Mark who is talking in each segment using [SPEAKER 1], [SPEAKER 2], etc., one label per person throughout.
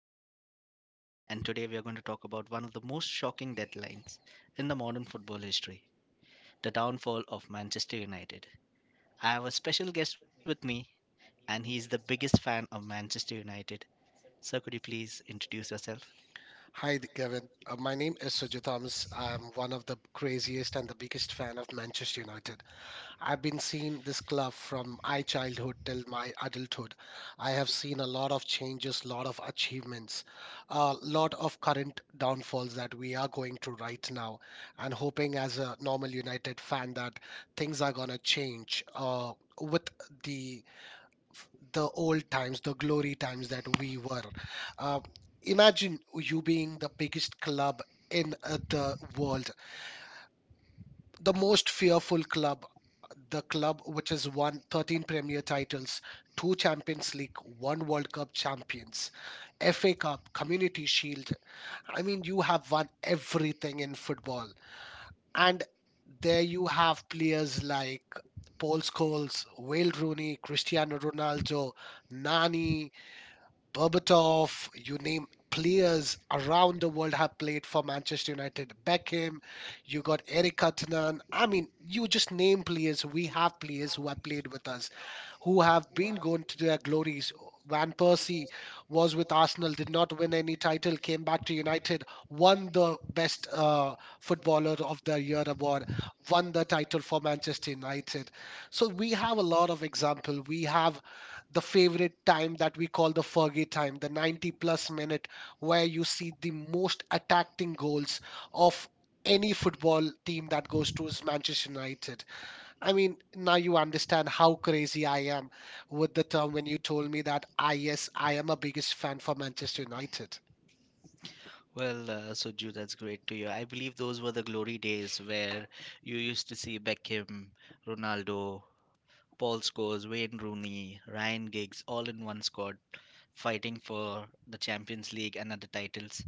[SPEAKER 1] your host, Gavin, and today we are going to talk about one of the most shocking deadlines in the modern football history, the downfall of Manchester United. I have a special guest with me, and he's the biggest fan of Manchester United. Sir, could you please introduce yourself?
[SPEAKER 2] Hi, Gavin. My name is Suju Thomas. I'm one of the craziest and the biggest fan of Manchester United. I've been seeing this club from my childhood till my adulthood. I have seen a lot of changes, lot of achievements, a lot of current downfalls that we are going through right now, and hoping as a normal United fan that things are gonna change with the the old times, the glory times that we were. Uh, Imagine you being the biggest club in the world, the most fearful club, the club which has won 13 Premier titles, two Champions League, one World Cup champions, FA Cup, Community Shield. I mean, you have won everything in football. And there you have players like Paul Scholes, Wayne Rooney, Cristiano Ronaldo, Nani, Berbatov, you name players around the world have played for Manchester United. Beckham, you got Eric Cantona. I mean, you just name players. We have players who have played with us, who have been going to their glories. Van Persie was with Arsenal, did not win any title, came back to United, won the best footballer of the year award, won the title for Manchester United. So we have a lot of example. We have the favorite time that we call the Fergie time, the 90 plus minute, where you see the most attacking goals of any football team that goes to is Manchester United. I mean, now you understand how crazy I am with the term when you told me that yes, I am a biggest fan for Manchester United.
[SPEAKER 1] Well, Suju, that's great to hear. I believe those were the glory days where you used to see Beckham, Ronaldo, Paul Scholes, Wayne Rooney, Ryan Giggs, all in one squad, fighting for the Champions League and other titles.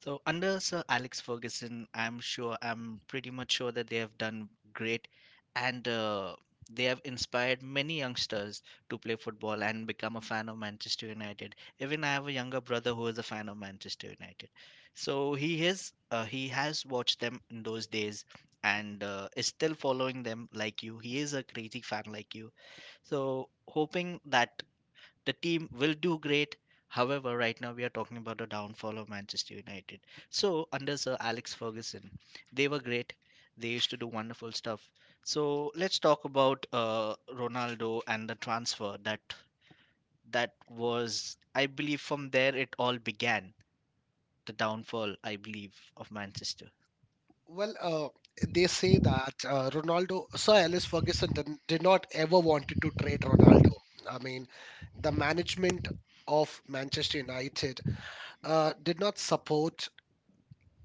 [SPEAKER 1] So under Sir Alex Ferguson, I'm pretty much sure that they have done great, and they have inspired many youngsters to play football and become a fan of Manchester United. Even I have a younger brother who is a fan of Manchester United, so he has watched them in those days and is still following them like you. He is a crazy fan like you. So hoping that the team will do great. However, right now we are talking about the downfall of Manchester United. So, under Sir Alex Ferguson, they were great. They used to do wonderful stuff. So, let's talk about Ronaldo and the transfer that was, I believe, from there it all began. The downfall, I believe, of Manchester.
[SPEAKER 2] Well, they say that Ronaldo, Sir Alex Ferguson did not ever wanted to trade Ronaldo. I mean, the management of Manchester United did not support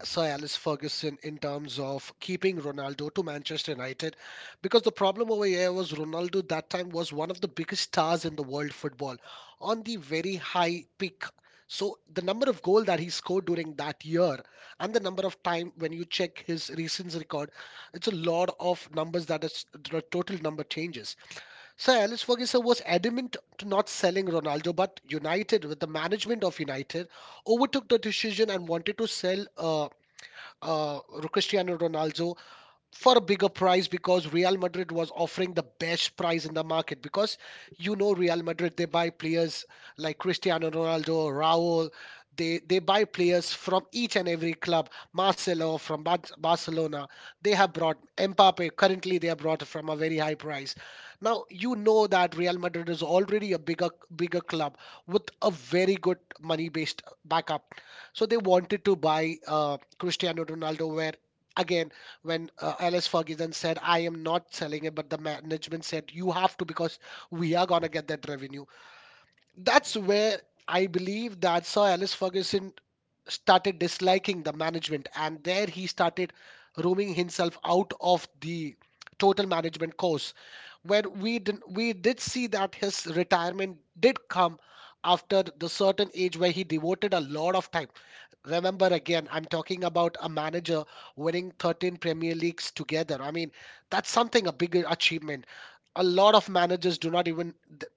[SPEAKER 2] Sir Alex Ferguson in terms of keeping Ronaldo to Manchester United because the problem over here was Ronaldo that time was one of the biggest stars in the world football on the very high peak. So the number of goal that he scored during that year and the number of time when you check his recent record, it's a lot of numbers that is the total number changes. Sir Alex Ferguson was adamant to not selling Ronaldo, but United, with the management of United, overtook the decision and wanted to sell uh, Cristiano Ronaldo for a bigger price because Real Madrid was offering the best price in the market because you know Real Madrid they buy players like Cristiano Ronaldo, Raul, they buy players from each and every club. Marcelo from Barcelona, they have brought Mbappe. Currently they have brought from a very high price. Now you know that Real Madrid is already a bigger club with a very good money based backup. So they wanted to buy Cristiano Ronaldo where again when Alice Ferguson said, I am not selling it, but the management said, You have to because we are going to get that revenue. That's where I believe that how Alice Ferguson started disliking the management, and there he started rooming himself out of the total management course where we did see that his retirement did come after the certain age where he devoted a lot of time. Remember again, I'm talking about a manager winning 13 Premier Leagues together. I mean, that's something a big achievement. A lot of managers do not even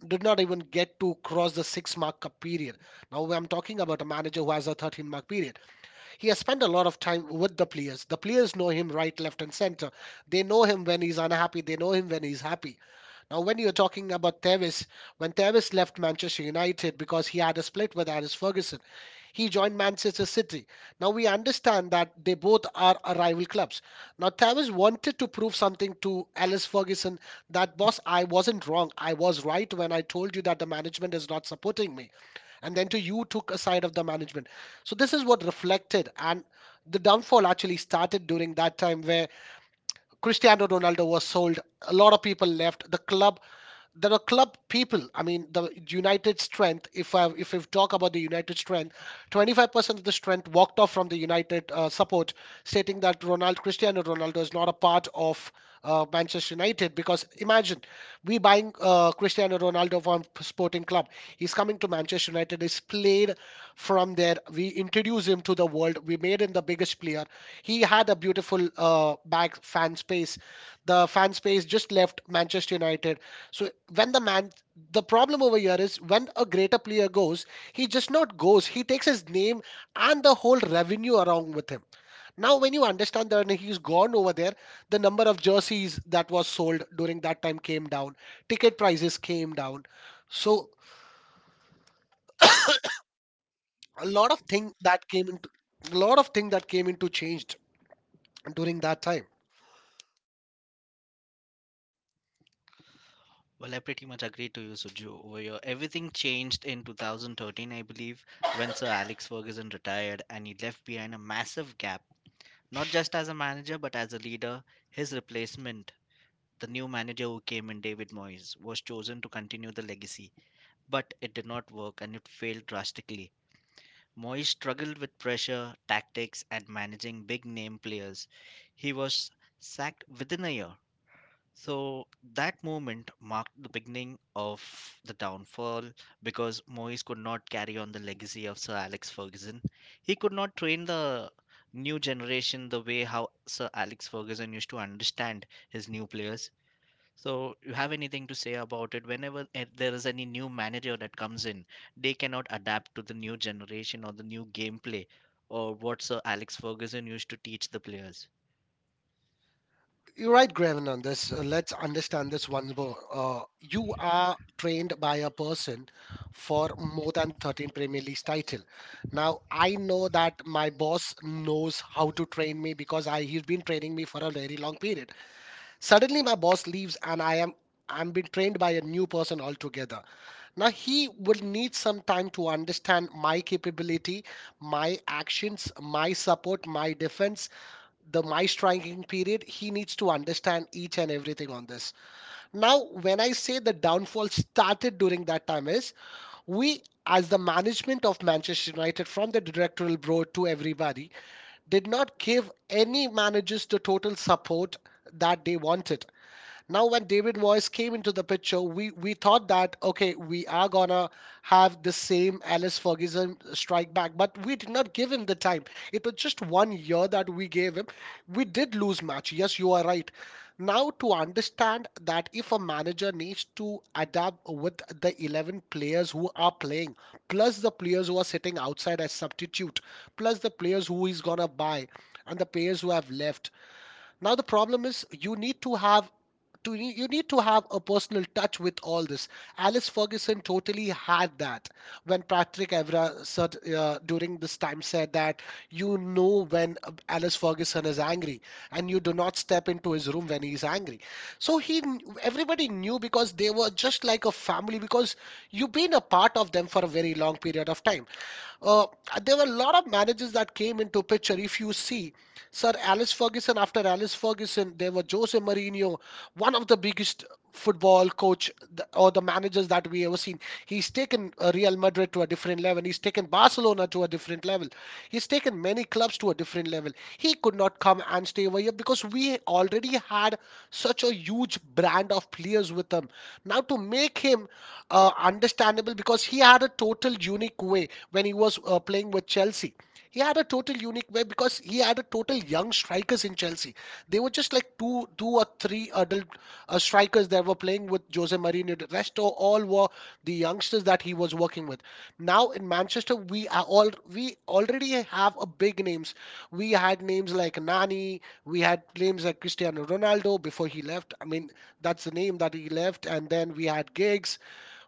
[SPEAKER 2] did not even get to cross the six mark period. Now I'm talking about a manager who has a 13 mark period. He has spent a lot of time with the players. The players know him right, left, and center. They know him when he's unhappy. They know him when he's happy. Now, when you're talking about Tevez, when Tevez left Manchester United because he had a split with Aris Ferguson, he joined Manchester City. Now, we understand that they both are rival clubs. Now, Tevez wanted to prove something to Alice Ferguson that, boss, I wasn't wrong. I was right when I told you that the management is not supporting me and then to you took a side of the management, so this is what reflected, and the downfall actually started during that time where Cristiano Ronaldo was sold, a lot of people left the club. There are club people, I mean the United strength, if we talk about the United strength, 25% of the strength walked off from the United support, stating that ronaldo Cristiano Ronaldo is not a part of Manchester United because imagine we buying Cristiano Ronaldo from sporting club, he's coming to Manchester United, he's played from there. We introduced him to the world. We made him the biggest player. He had a beautiful back fan space. The fan space just left Manchester United. So when the problem over here is when a greater player goes, he just not goes. He takes his name and the whole revenue around with him. Now when you understand that he's gone over there, the number of jerseys that was sold during that time came down. Ticket prices came down. So a lot of thing that came into a lot of thing that came into changed during that time.
[SPEAKER 1] Well, I pretty much agree to you, Suju. Over here, everything changed in 2013, I believe, when Sir Alex Ferguson retired and he left behind a massive gap. Not just as a manager, but as a leader, his replacement, the new manager who came in, David Moyes, was chosen to continue the legacy. But it did not work and it failed drastically. Moyes struggled with pressure, tactics, and managing big name players. He was sacked within a year. So that moment marked the beginning of the downfall because Moyes could not carry on the legacy of Sir Alex Ferguson. He could not train the new generation the way how Sir Alex Ferguson used to understand his new players. So you have anything to say about it? Whenever there is any new manager that comes in, they cannot adapt to the new generation or the new gameplay or what Sir Alex Ferguson used to teach the players.
[SPEAKER 2] You're right, Graven, on this. Let's understand this once more, you are trained by a person for more than 13 Premier Leagues title. Now I know that my boss knows how to train me because I he's been training me for a very long period. Suddenly, my boss leaves, and I'm being trained by a new person altogether. Now, he will need some time to understand my capability, my actions, my support, my defense, the my striking period. He needs to understand each and everything on this. Now, when I say the downfall started during that time is we as the management of Manchester United from the directorial board to everybody did not give any managers the total support that they wanted. Now, when David Moyes came into the picture, we thought that okay, we are gonna have the same Alice Ferguson strike back, but we did not give him the time. It was just 1 year that we gave him. We did lose match. Yes, you are right. Now to understand that if a manager needs to adapt with the 11 players who are playing, plus the players who are sitting outside as substitute, plus the players who he's gonna buy, and the players who have left, now the problem is you need to have a personal touch with all this. Alice Ferguson totally had that. When Patrick Evra said during this time said that you know when Alice Ferguson is angry and you do not step into his room when he's angry. So everybody knew because they were just like a family because you've been a part of them for a very long period of time. uh, there were a lot of managers that came into picture. If you see Sir Alice Ferguson, after Alice Ferguson, there were Jose Mourinho, one of the biggest football coach or the managers that we ever seen. He's taken Real Madrid to a different level. He's taken Barcelona to a different level. He's taken many clubs to a different level. He could not come and stay over here because we already had such a huge brand of players with him. Now to make him understandable because he had a total unique way when he was playing with Chelsea. He had a total unique way because he had a total young strikers in Chelsea. They were just like two, two or three adult strikers that were playing with Jose Mourinho. The rest all were the youngsters that he was working with. Now in Manchester, we are all we already have a big names. We had names like Nani. We had names like Cristiano Ronaldo before he left. I mean, that's the name that he left. And then we had Giggs.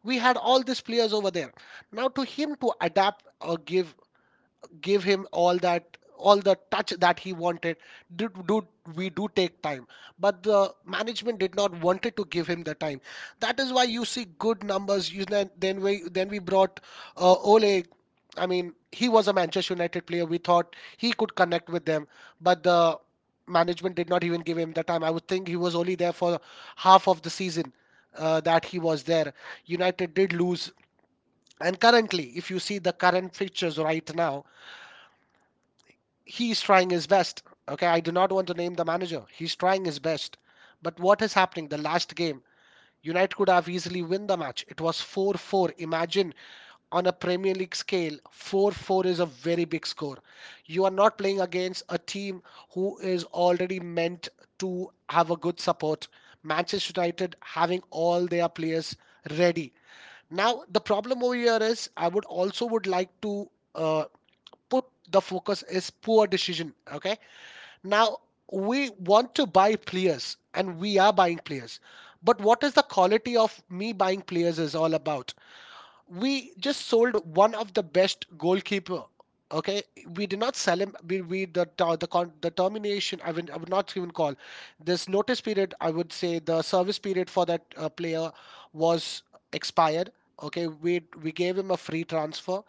[SPEAKER 2] We had all these players over there. Now to him to adapt or give him all the touch that he wanted. Did do We do take time, but the management did not wanted to give him the time. That is why you see good numbers. You then Then we brought Ole, I mean he was a Manchester United player, we thought he could connect with them, but the management did not even give him the time. I would think he was only there for half of the season that he was there. United did lose, and currently if you see the current fixtures right now, he's trying his best. Okay, I do not want to name the manager. He's trying his best. But what is happening? The last game, United could have easily win the match. It was 4-4. Imagine on a Premier League scale, 4-4 is a very big score. You are not playing against a team who is already meant to have a good support. Manchester United having all their players ready. Now the problem over here is I would also would like to uh, put the focus is poor decision. Okay, now, we want to buy players and we are buying players. But what is the quality of me buying players is all about? We just sold one of the best goalkeeper. Okay, we did not sell him. We the con, the termination. I would not even call this notice period. I would say the service period for that player was expired. Okay, we gave him a free transfer.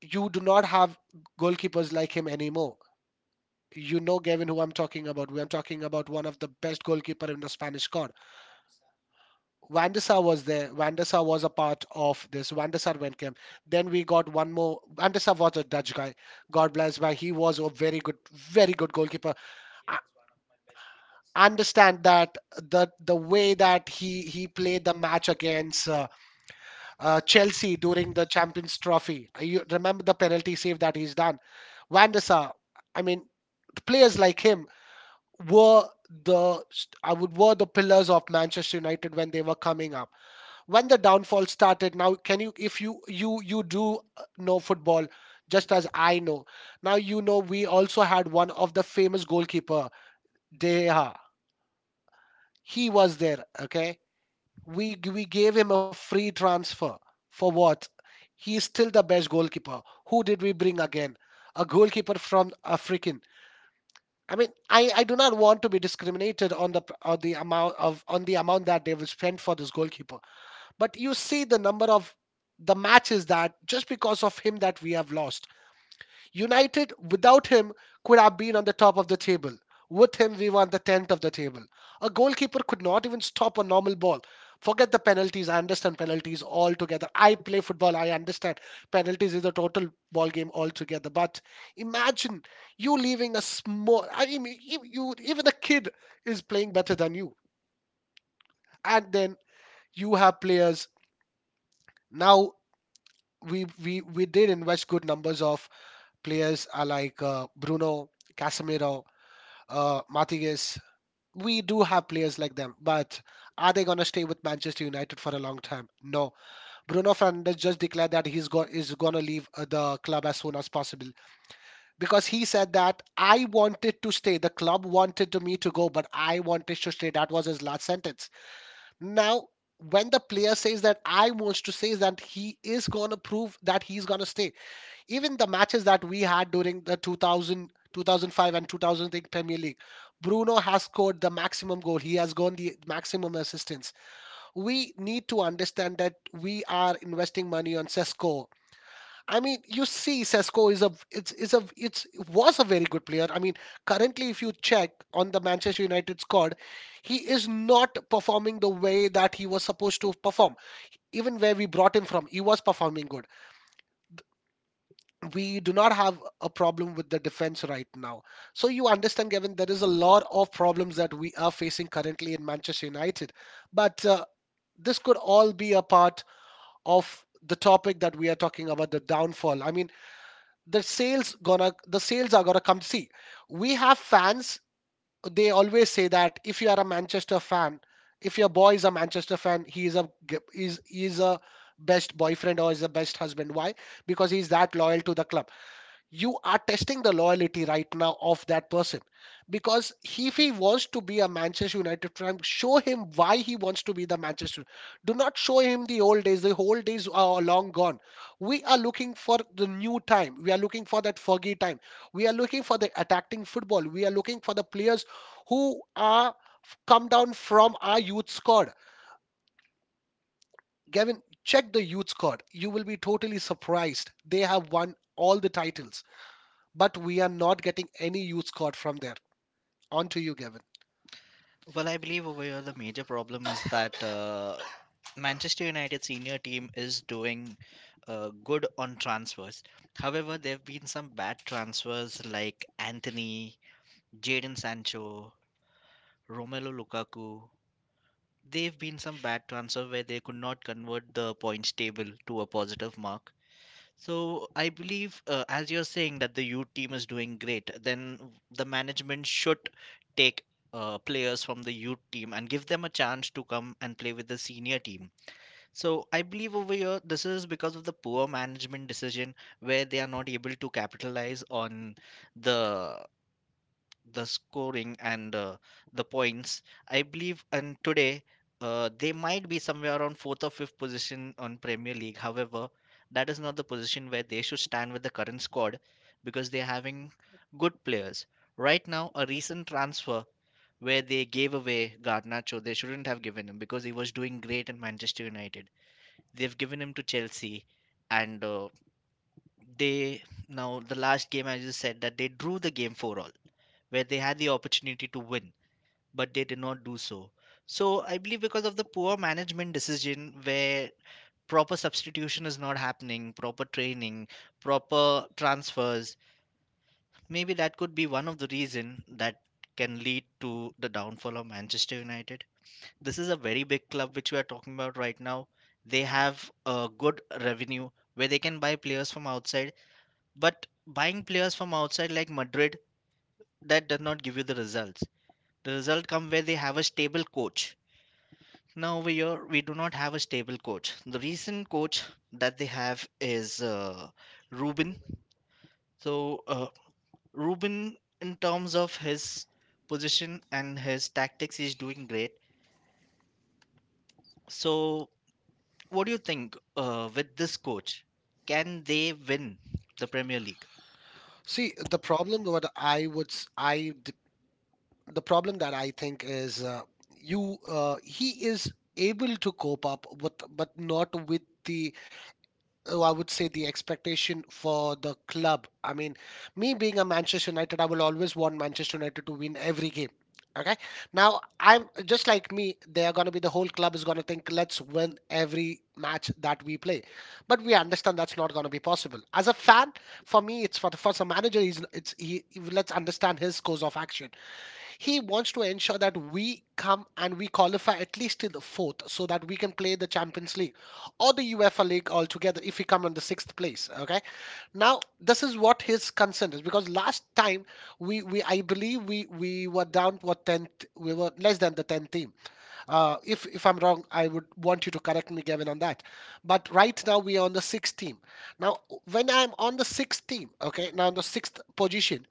[SPEAKER 2] You do not have goalkeepers like him anymore. You know, Gavin, who I'm talking about. I'm talking about one of the best goalkeeper in the Spanish squad. Van der Sar was there. Van der Sar was a part of this. Van der Sar went camp. Then we got one more. Van der Sar was a Dutch guy. God bless. Why he was a very good, very good goalkeeper. I understand that the way that he played the match against Chelsea during the Champions Trophy. You remember the penalty save that he's done. Van der Sar. I mean, players like him were I would were the pillars of Manchester United when they were coming up. When the downfall started, now can you if you do know football just as I know. Now you know we also had one of the famous goalkeeper Deha. He was there. Okay, we gave him a free transfer for what? He is still the best goalkeeper. Who did we bring again? A goalkeeper from Africa. I mean, I do not want to be discriminated on on the amount of on the amount that they will spend for this goalkeeper. But you see the number of the matches that just because of him that we have lost. United without him could have been on the top of the table. With him, we were on the 10th of the table. A goalkeeper could not even stop a normal ball. Forget the penalties. I understand penalties altogether. I play football. I understand penalties is a total ball game altogether. But imagine you leaving a small. I mean, you even a kid is playing better than you, and then you have players now. We did invest good numbers of players like Bruno, Casemiro, Matthias. We do have players like them, but are they gonna stay with Manchester United for a long time? No. Bruno Fernandes just declared that is gonna leave the club as soon as possible because he said that I wanted to stay. The club wanted to me to go, but I wanted to stay. That was his last sentence. Now, when the player says that I wants to stay, is that he is gonna prove that he's gonna stay even the matches that we had during the 2000 2005 and 2008 Premier League. Bruno has scored the maximum goal, he has gone the maximum assistance. We need to understand that we are investing money on Sesko. I mean, you see, Sesko is a it's was a very good player. I mean, currently if you check on the Manchester United squad, he is not performing the way that he was supposed to perform. Even where we brought him from, he was performing good. We do not have a problem with the defense right now. So you understand, Gavin, there is a lot of problems that we are facing currently in Manchester United. But this could all be a part of the topic that we are talking about, the downfall. I mean, the sales are gonna come. See, we have fans. They always say that if you are a Manchester fan, if your boy is a Manchester fan, he is a best boyfriend or is the best husband. Why? Because he's that loyal to the club. You are testing the loyalty right now of that person because if he wants to be a Manchester United fan, show him why he wants to be the Manchester. Do not show him the old days. The old days are long gone. We are looking for the new time, we are looking for that Fergie time. We are looking for the attacking football, we are looking for the players who are come down from our youth squad. Gavin, check the youth squad. You will be totally surprised, they have won all the titles. But we are not getting any use caught from there. On to you, Gavin.
[SPEAKER 1] Well, I believe over here the major problem is that Manchester United senior team is doing good on transfers. However, there have been some bad transfers like Anthony, Jadon Sancho, Romelu Lukaku. They've been some bad transfer where they could not convert the points table to a positive mark. So I believe, as you're saying, that the youth team is doing great. Then the management should take players from the youth team and give them a chance to come and play with the senior team. So I believe over here, this is because of the poor management decision where they are not able to capitalize on the the scoring and the points, I believe. And today they might be somewhere around fourth or fifth position on Premier League. However, that is not the position where they should stand with the current squad because they're having good players right now. A recent transfer where they gave away Garnacho, they shouldn't have given him because he was doing great in Manchester United. They've given him to Chelsea, and they now the last game, I just said that they drew the game four all, where they had the opportunity to win, but they did not do so. So I believe because of the poor management decision where proper substitution is not happening, proper training, proper transfers, maybe that could be one of the reason that can lead to the downfall of Manchester United. This is a very big club which we are talking about right now. They have a good revenue where they can buy players from outside, but buying players from outside like Madrid, that does not give you the results. The result come where they have a stable coach. Now over here, we do not have a stable coach. The recent coach that they have is Ruben. So Ruben, in terms of his position and his tactics, is doing great. So what do you think with this coach? Can they win the Premier League?
[SPEAKER 2] See, the problem what I would s- I d- the problem that I think is you he is able to cope up with but not with the oh, I would say the expectation for the club. I mean, me being a Manchester United, I will always want Manchester United to win every game. Okay. Now, I'm just like me, they are going to be the whole club is going to think, let's win every match that we play. But we understand that's not going to be possible. As a fan, for me, it's for the for first manager, let's understand his course of action. He wants to ensure that we come and we qualify at least till the fourth so that we can play the Champions League or the UEFA League altogether if we come in the sixth place. Okay. Now this is what his concern is because last time we I believe we were down what tenth, we were less than the tenth team. If I'm wrong, I would want you to correct me, Gavin, on that. But right now we are on the sixth team. Now when I'm on the sixth team, okay, now on the sixth position,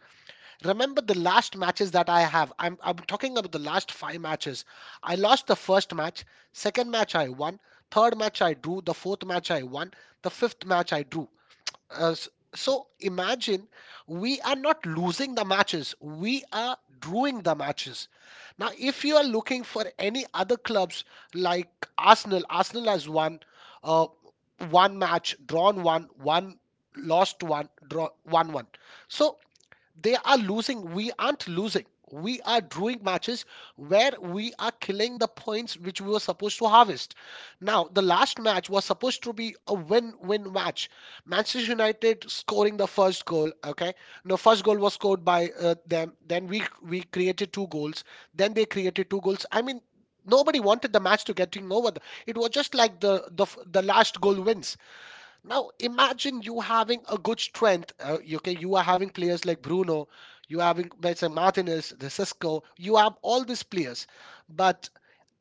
[SPEAKER 2] remember the last matches that I have. I'm talking about the last five matches. I lost the first match, second match I won, third match I drew, the fourth match I won, the fifth match I drew. So imagine we are not losing the matches, we are drawing the matches. Now, if you are looking for any other clubs like Arsenal, Arsenal has won uh, one match, drawn one, lost one, draw one. So they are losing. We aren't losing. We are drawing matches where we are killing the points which we were supposed to harvest. Now, the last match was supposed to be a win win match. Manchester United scoring the first goal, okay? No, first goal was scored by them. Then we created two goals. Then they created two goals. I mean, nobody wanted the match to getting over. It was just like the last goal wins. Now imagine you having a good strength. Okay, you are having players like Bruno, you are having let's say Martinez, the Cisco. You have all these players, but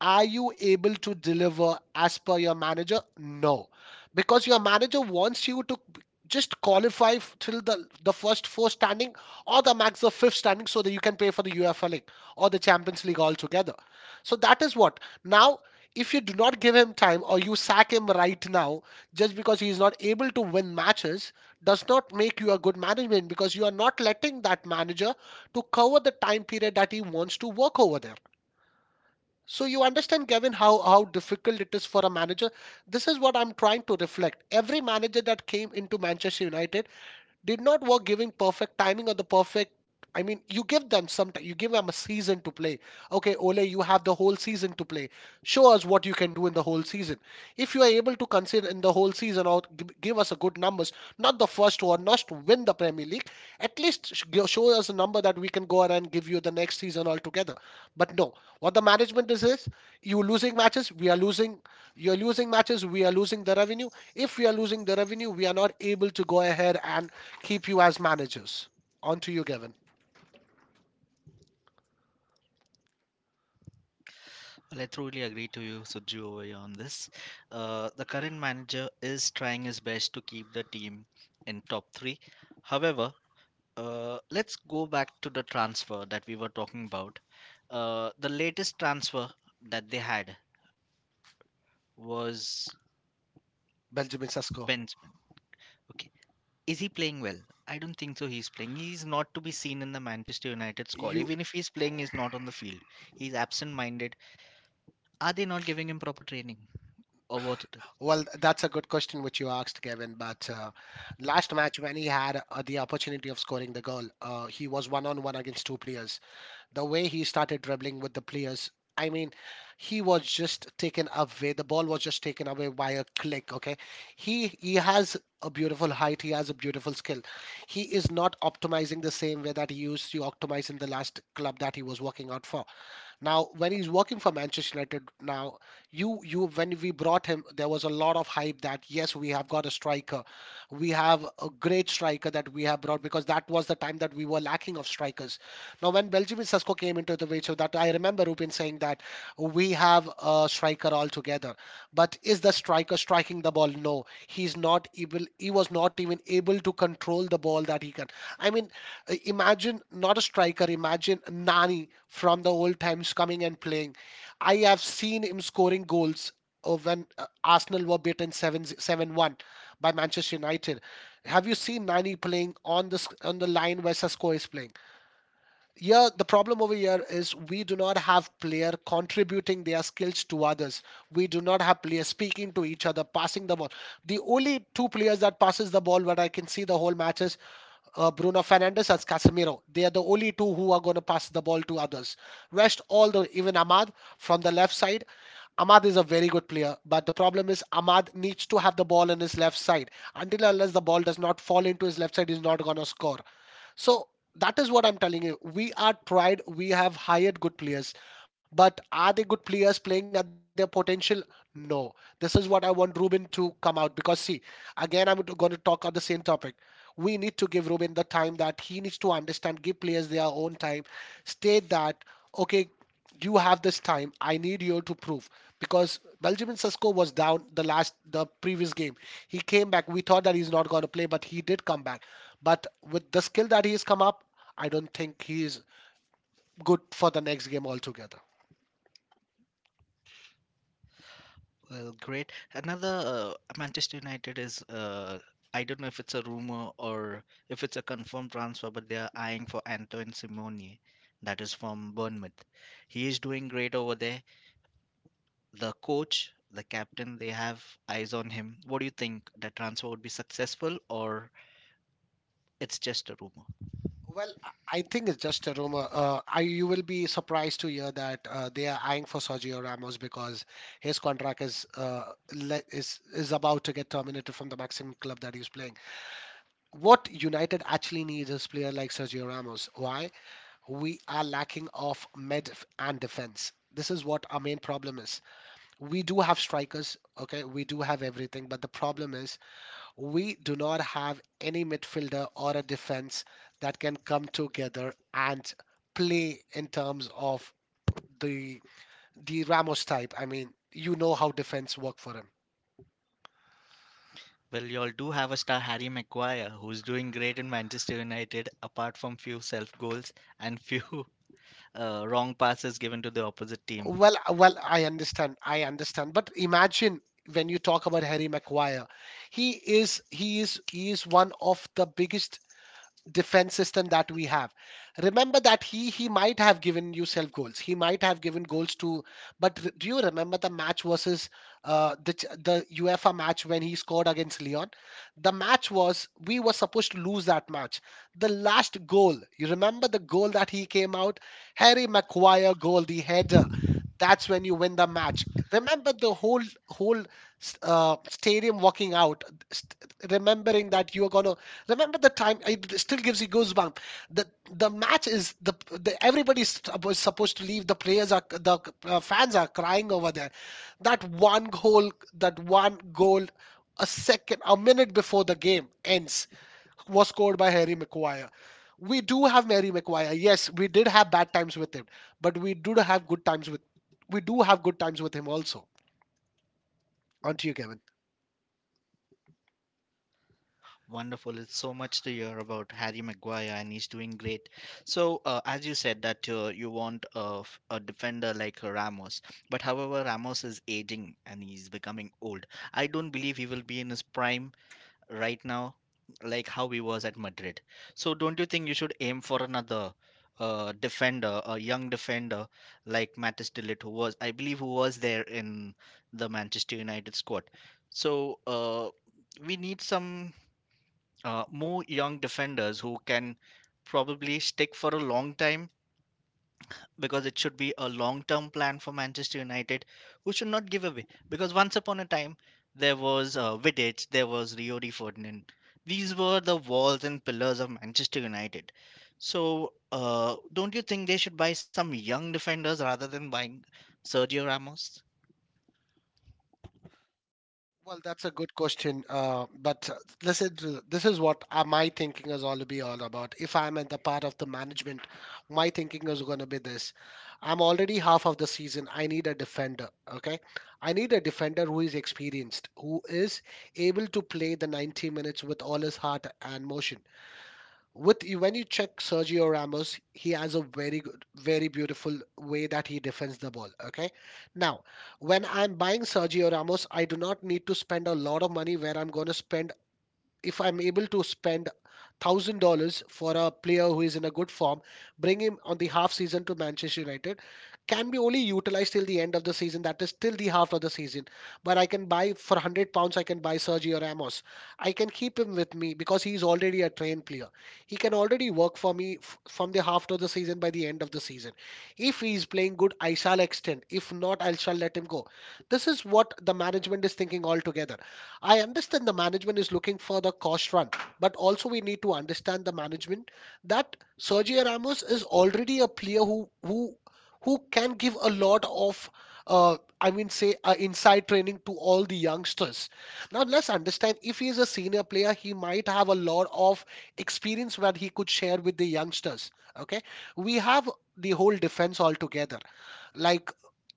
[SPEAKER 2] are you able to deliver as per your manager? No, because your manager wants you to just qualify till the first four standing or the max the fifth standing so that you can pay for the UEFA League or the Champions League altogether. So that is what now. If you do not give him time or you sack him right now, just because he is not able to win matches does not make you a good management because you are not letting that manager to cover the time period that he wants to work over there. So you understand, Kevin, how difficult it is for a manager. This is what I'm trying to reflect. Every manager that came into Manchester United did not work giving perfect timing or the perfect. I mean, you give them some time. You give them a season to play. Okay, Ole, you have the whole season to play. Show us what you can do in the whole season. If you are able to consider in the whole season or give us a good numbers, not the first one, not to win the Premier League, at least show us a number that we can go ahead and give you the next season altogether. But no, what the management is you losing matches, we are losing. You are losing matches, we are losing the revenue. If we are losing the revenue, we are not able to go ahead and keep you as managers. On to you, Gavin.
[SPEAKER 1] Well, I truly agree to you, Suju, over here on this. The current manager is trying his best to keep the team in top three. However, let's go back to the transfer that we were talking about. The latest transfer that they had was
[SPEAKER 2] Benjamin Sesko.
[SPEAKER 1] Benjamin. Okay. Is he playing well? I don't think so. He's playing. He's not to be seen in the Manchester United squad.
[SPEAKER 2] You
[SPEAKER 1] Even if he's playing, he's not on the field. He's absent minded. Are they not giving him proper training? Or what?
[SPEAKER 2] well, that's a good question which you asked, Kevin. But last match, when he had the opportunity of scoring the goal, he was one on one against two players. The way he started dribbling with the players, I mean, he was just taken away. The ball was just taken away by a click. Okay, he has a beautiful height. He has a beautiful skill. He is not optimizing the same way that he used to optimize in the last club that he was working out for. Now, when he's working for Manchester United now, you, when we brought him, there was a lot of hype that yes, we have got a striker, we have a great striker that we have brought because that was the time that we were lacking of strikers. Now, when Benjamin Sesko came into the way, so that I remember Rupin saying that we have a striker altogether, but is the striker striking the ball? No, he's not able. He was not even able to control the ball that he can. I mean, imagine not a striker, imagine Nani from the old times coming and playing. I have seen him scoring goals when Arsenal were beaten 7 seven one by Manchester United. Have you seen Nani playing on the on the line where Sesco is playing? Yeah, the problem over here is we do not have player contributing their skills to others. We do not have players speaking to each other, passing the ball. The only two players that passes the ball what I can see the whole match is Bruno Fernandes as Casemiro. They are the only two who are going to pass the ball to others. Rest all the even Ahmad from the left side. Ahmad is a very good player, but the problem is Ahmad needs to have the ball in his left side. Until unless the ball does not fall into his left side, he's not going to score. So that is what I'm telling you. We are tried. We have hired good players. But are they good players playing at their potential? No. This is what I want Ruben to come out because, see, again, I'm going to talk on the same topic. We need to give Ruben the time that he needs to understand, give players their own time, state that, okay, you have this time, I need you to prove. Because Benjamin Sesko was down the last, the previous game. He came back. We thought that he's not going to play, but he did come back. But with the skill that he's come up, I don't think he is good for the next game altogether.
[SPEAKER 1] Well, great. Another Manchester United is I don't know if it's a rumor or if it's a confirmed transfer, but they are eyeing for Antoine Simone, that is from Bournemouth. He is doing great over there. The coach, the captain, they have eyes on him. What do you think? The transfer would be successful or it's just a rumor?
[SPEAKER 2] Well, I think it's just a rumor. You will be surprised to hear that they are eyeing for Sergio Ramos because his contract is le is about to get terminated from the maximum club that he's playing. What United actually needs is player like Sergio Ramos. Why? We are lacking of mid and defense. This is what our main problem is. We do have strikers, okay? We do have everything, but the problem is we do not have any midfielder or a defense that can come together and play in terms of the the Ramos type. I mean, you know how defense work for him.
[SPEAKER 1] Well, you all do have a star Harry Maguire who's doing great in Manchester United apart from few self goals and few wrong passes given to the opposite team.
[SPEAKER 2] Well, I understand. I understand. But imagine when you talk about Harry Maguire, he is he is one of the biggest defense system that we have. Remember that he might have given you self goals, he might have given goals to, but do you remember the match versus the UEFA match when he scored against Leon? The match was, we were supposed to lose that match. The last goal, you remember the goal that he came out, Harry Maguire goal, the header, that's when you win the match. Remember the whole stadium walking out, remembering that you're going to, remember the time, it still gives you goosebumps. The match is the everybody's supposed to leave. The players are the fans are crying over there. That one goal, that one goal, a second, a minute before the game ends, was scored by Harry Maguire. We do have Harry Maguire. Yes, we did have bad times with him, but we do have good times with him also. On to you, Kevin.
[SPEAKER 1] Wonderful. It's so much to hear about Harry Maguire, and he's doing great. So, as you said, that you want a defender like Ramos. But however, Ramos is aging and he's becoming old. I don't believe he will be in his prime right now, like how he was at Madrid. So, don't you think you should aim for another defender, a young defender like Matis Tillett, who was, I believe, who was there in the Manchester United squad? So, we need some more young defenders who can probably stick for a long time because it should be a long term plan for Manchester United who should not give away. Because once upon a time, there was Vidic, there was Riori Ferdinand. These were the walls and pillars of Manchester United. So, don't you think they should buy some young defenders rather than buying Sergio Ramos?
[SPEAKER 2] Well, that's a good question. But listen, to, this is what my thinking is all to be all about. If I'm at the part of the management, my thinking is going to be this: I'm already half of the season. I need a defender. Okay, I need a defender who is experienced, who is able to play the 90 minutes with all his heart and motion with, when you check Sergio Ramos, he has a very good, very beautiful way that he defends the ball. Okay, now when I'm buying Sergio Ramos, I do not need to spend a lot of money where I'm going to spend, if I'm able to spend $1,000 for a player who is in a good form, bring him on the half season to Manchester United, can be only utilized till the end of the season. That is till the half of the season. But I can buy for £100. I can buy Sergio Ramos. I can keep him with me because he is already a trained player. He can already work for me from the half of the season by the end of the season. If he is playing good, I shall extend. If not, I shall let him go. This is what the management is thinking altogether. I understand the management is looking for the cost run, but also we need to understand the management that Sergio Ramos is already a player who can give a lot of I mean say inside training to all the youngsters. Now let's understand if he is a senior player, he might have a lot of experience that he could share with the youngsters. Okay, we have the whole defense altogether. Like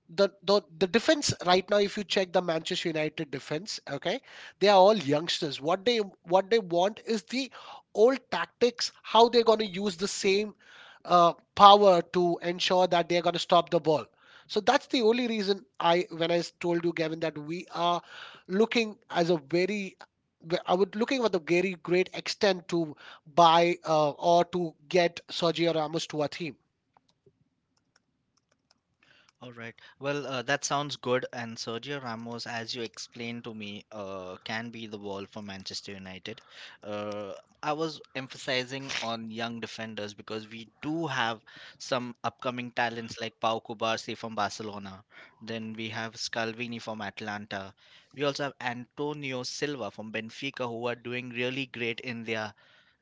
[SPEAKER 2] the defense right now, if you check the Manchester United defense, okay, they are all youngsters. What they want is the old tactics, how they're going to use the same power to ensure that they're going to stop the ball. So that's the only reason I, when I told you Gavin, that we are looking as a very, I would looking at the very great extent to buy or to get Sergio Ramos to our team.
[SPEAKER 1] All right. Well, that sounds good. And Sergio Ramos, as you explained to me, can be the wall for Manchester United. Uh, I was emphasizing on young defenders because we do have some upcoming talents like Pau Cubarsí from Barcelona. Then we have Scalvini from Atlanta. We also have Antonio Silva from Benfica, who are doing really great in their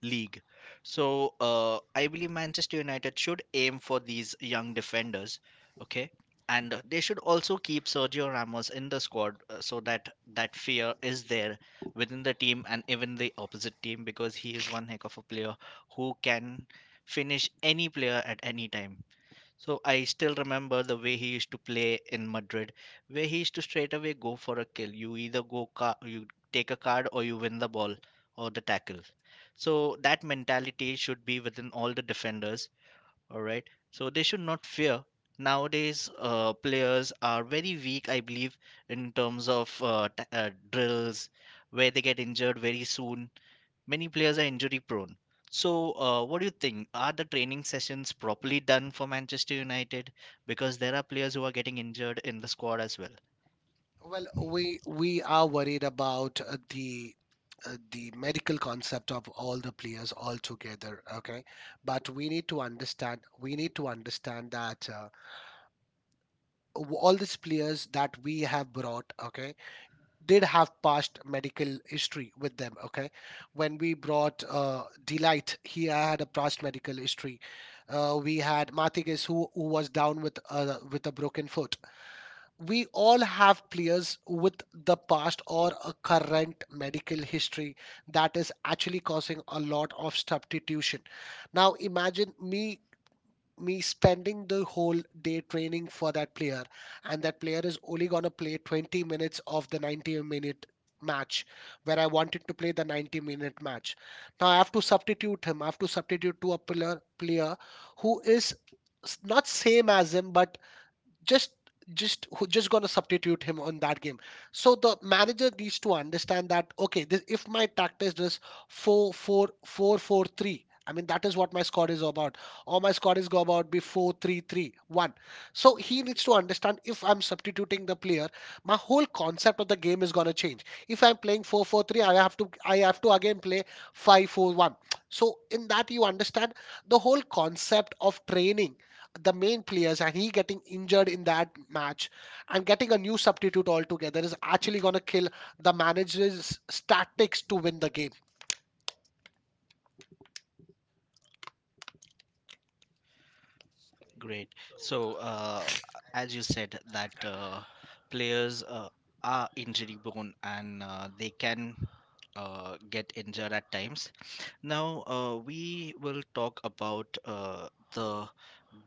[SPEAKER 1] league. So I believe Manchester United should aim for these young defenders, okay? And they should also keep Sergio Ramos in the squad so that that fear is there within the team and even the opposite team because he is one heck of a player who can finish any player at any time. So I still remember the way he used to play in Madrid, where he used to straight away go for a kill. You either you take a card or you win the ball or the tackle. So that mentality should be within all the defenders. All right. So they should not fear. Nowadays, players are very weak, I believe, in terms of drills, where they get injured very soon. Many players are injury prone. So, what do you think? Are the training sessions properly done for Manchester United? Because there are players who are getting injured in the squad as well.
[SPEAKER 2] Well, we are worried about the medical concept of all the players all together. Okay, but we need to understand that all these players that we have brought, okay, did have past medical history with them. Okay, when we brought Delight, he had a past medical history. We had Mathiges who was down with a broken foot. We all have players with the past or a current medical history that is actually causing a lot of substitution. Now imagine me spending the whole day training for that player, and that player is only going to play 20 minutes of the 90-minute match, where I wanted to play the 90-minute match. Now I have to substitute him. I have to substitute to a player who is not same as him, but just just who just going to substitute him on that game. So the manager needs to understand that, okay, this, if my tactics is 4, 4, 4, four, three. I mean that is what my squad is about, or my squad is go about be four, three, three, one. So he needs to understand, if I'm substituting the player, my whole concept of the game is going to change. If I'm playing 4, 4, 3, I have to again play five, four, one. So in that you understand, the whole concept of training the main players and he getting injured in that match and getting a new substitute altogether is actually going to kill the manager's tactics to win the game.
[SPEAKER 1] Great. So, as you said, that players are injury prone and they can get injured at times. Now, we will talk about the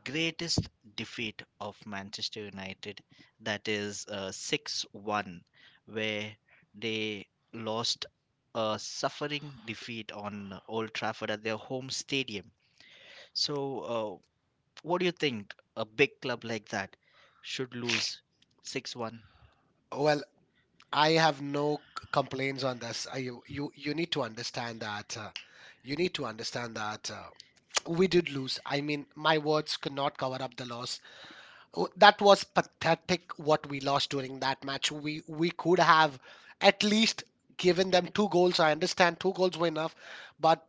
[SPEAKER 1] greatest defeat of Manchester United, that is 6-1, where they lost a suffering defeat on Old Trafford at their home stadium. So, what do you think? A big club like that should lose 6-1?
[SPEAKER 2] Well, I have no complaints on this. You need to understand that. You need to understand that we did lose. I mean, my words could not cover up the loss. Oh, that was pathetic. What we lost during that match. We could have at least given them two goals. I understand two goals were enough, but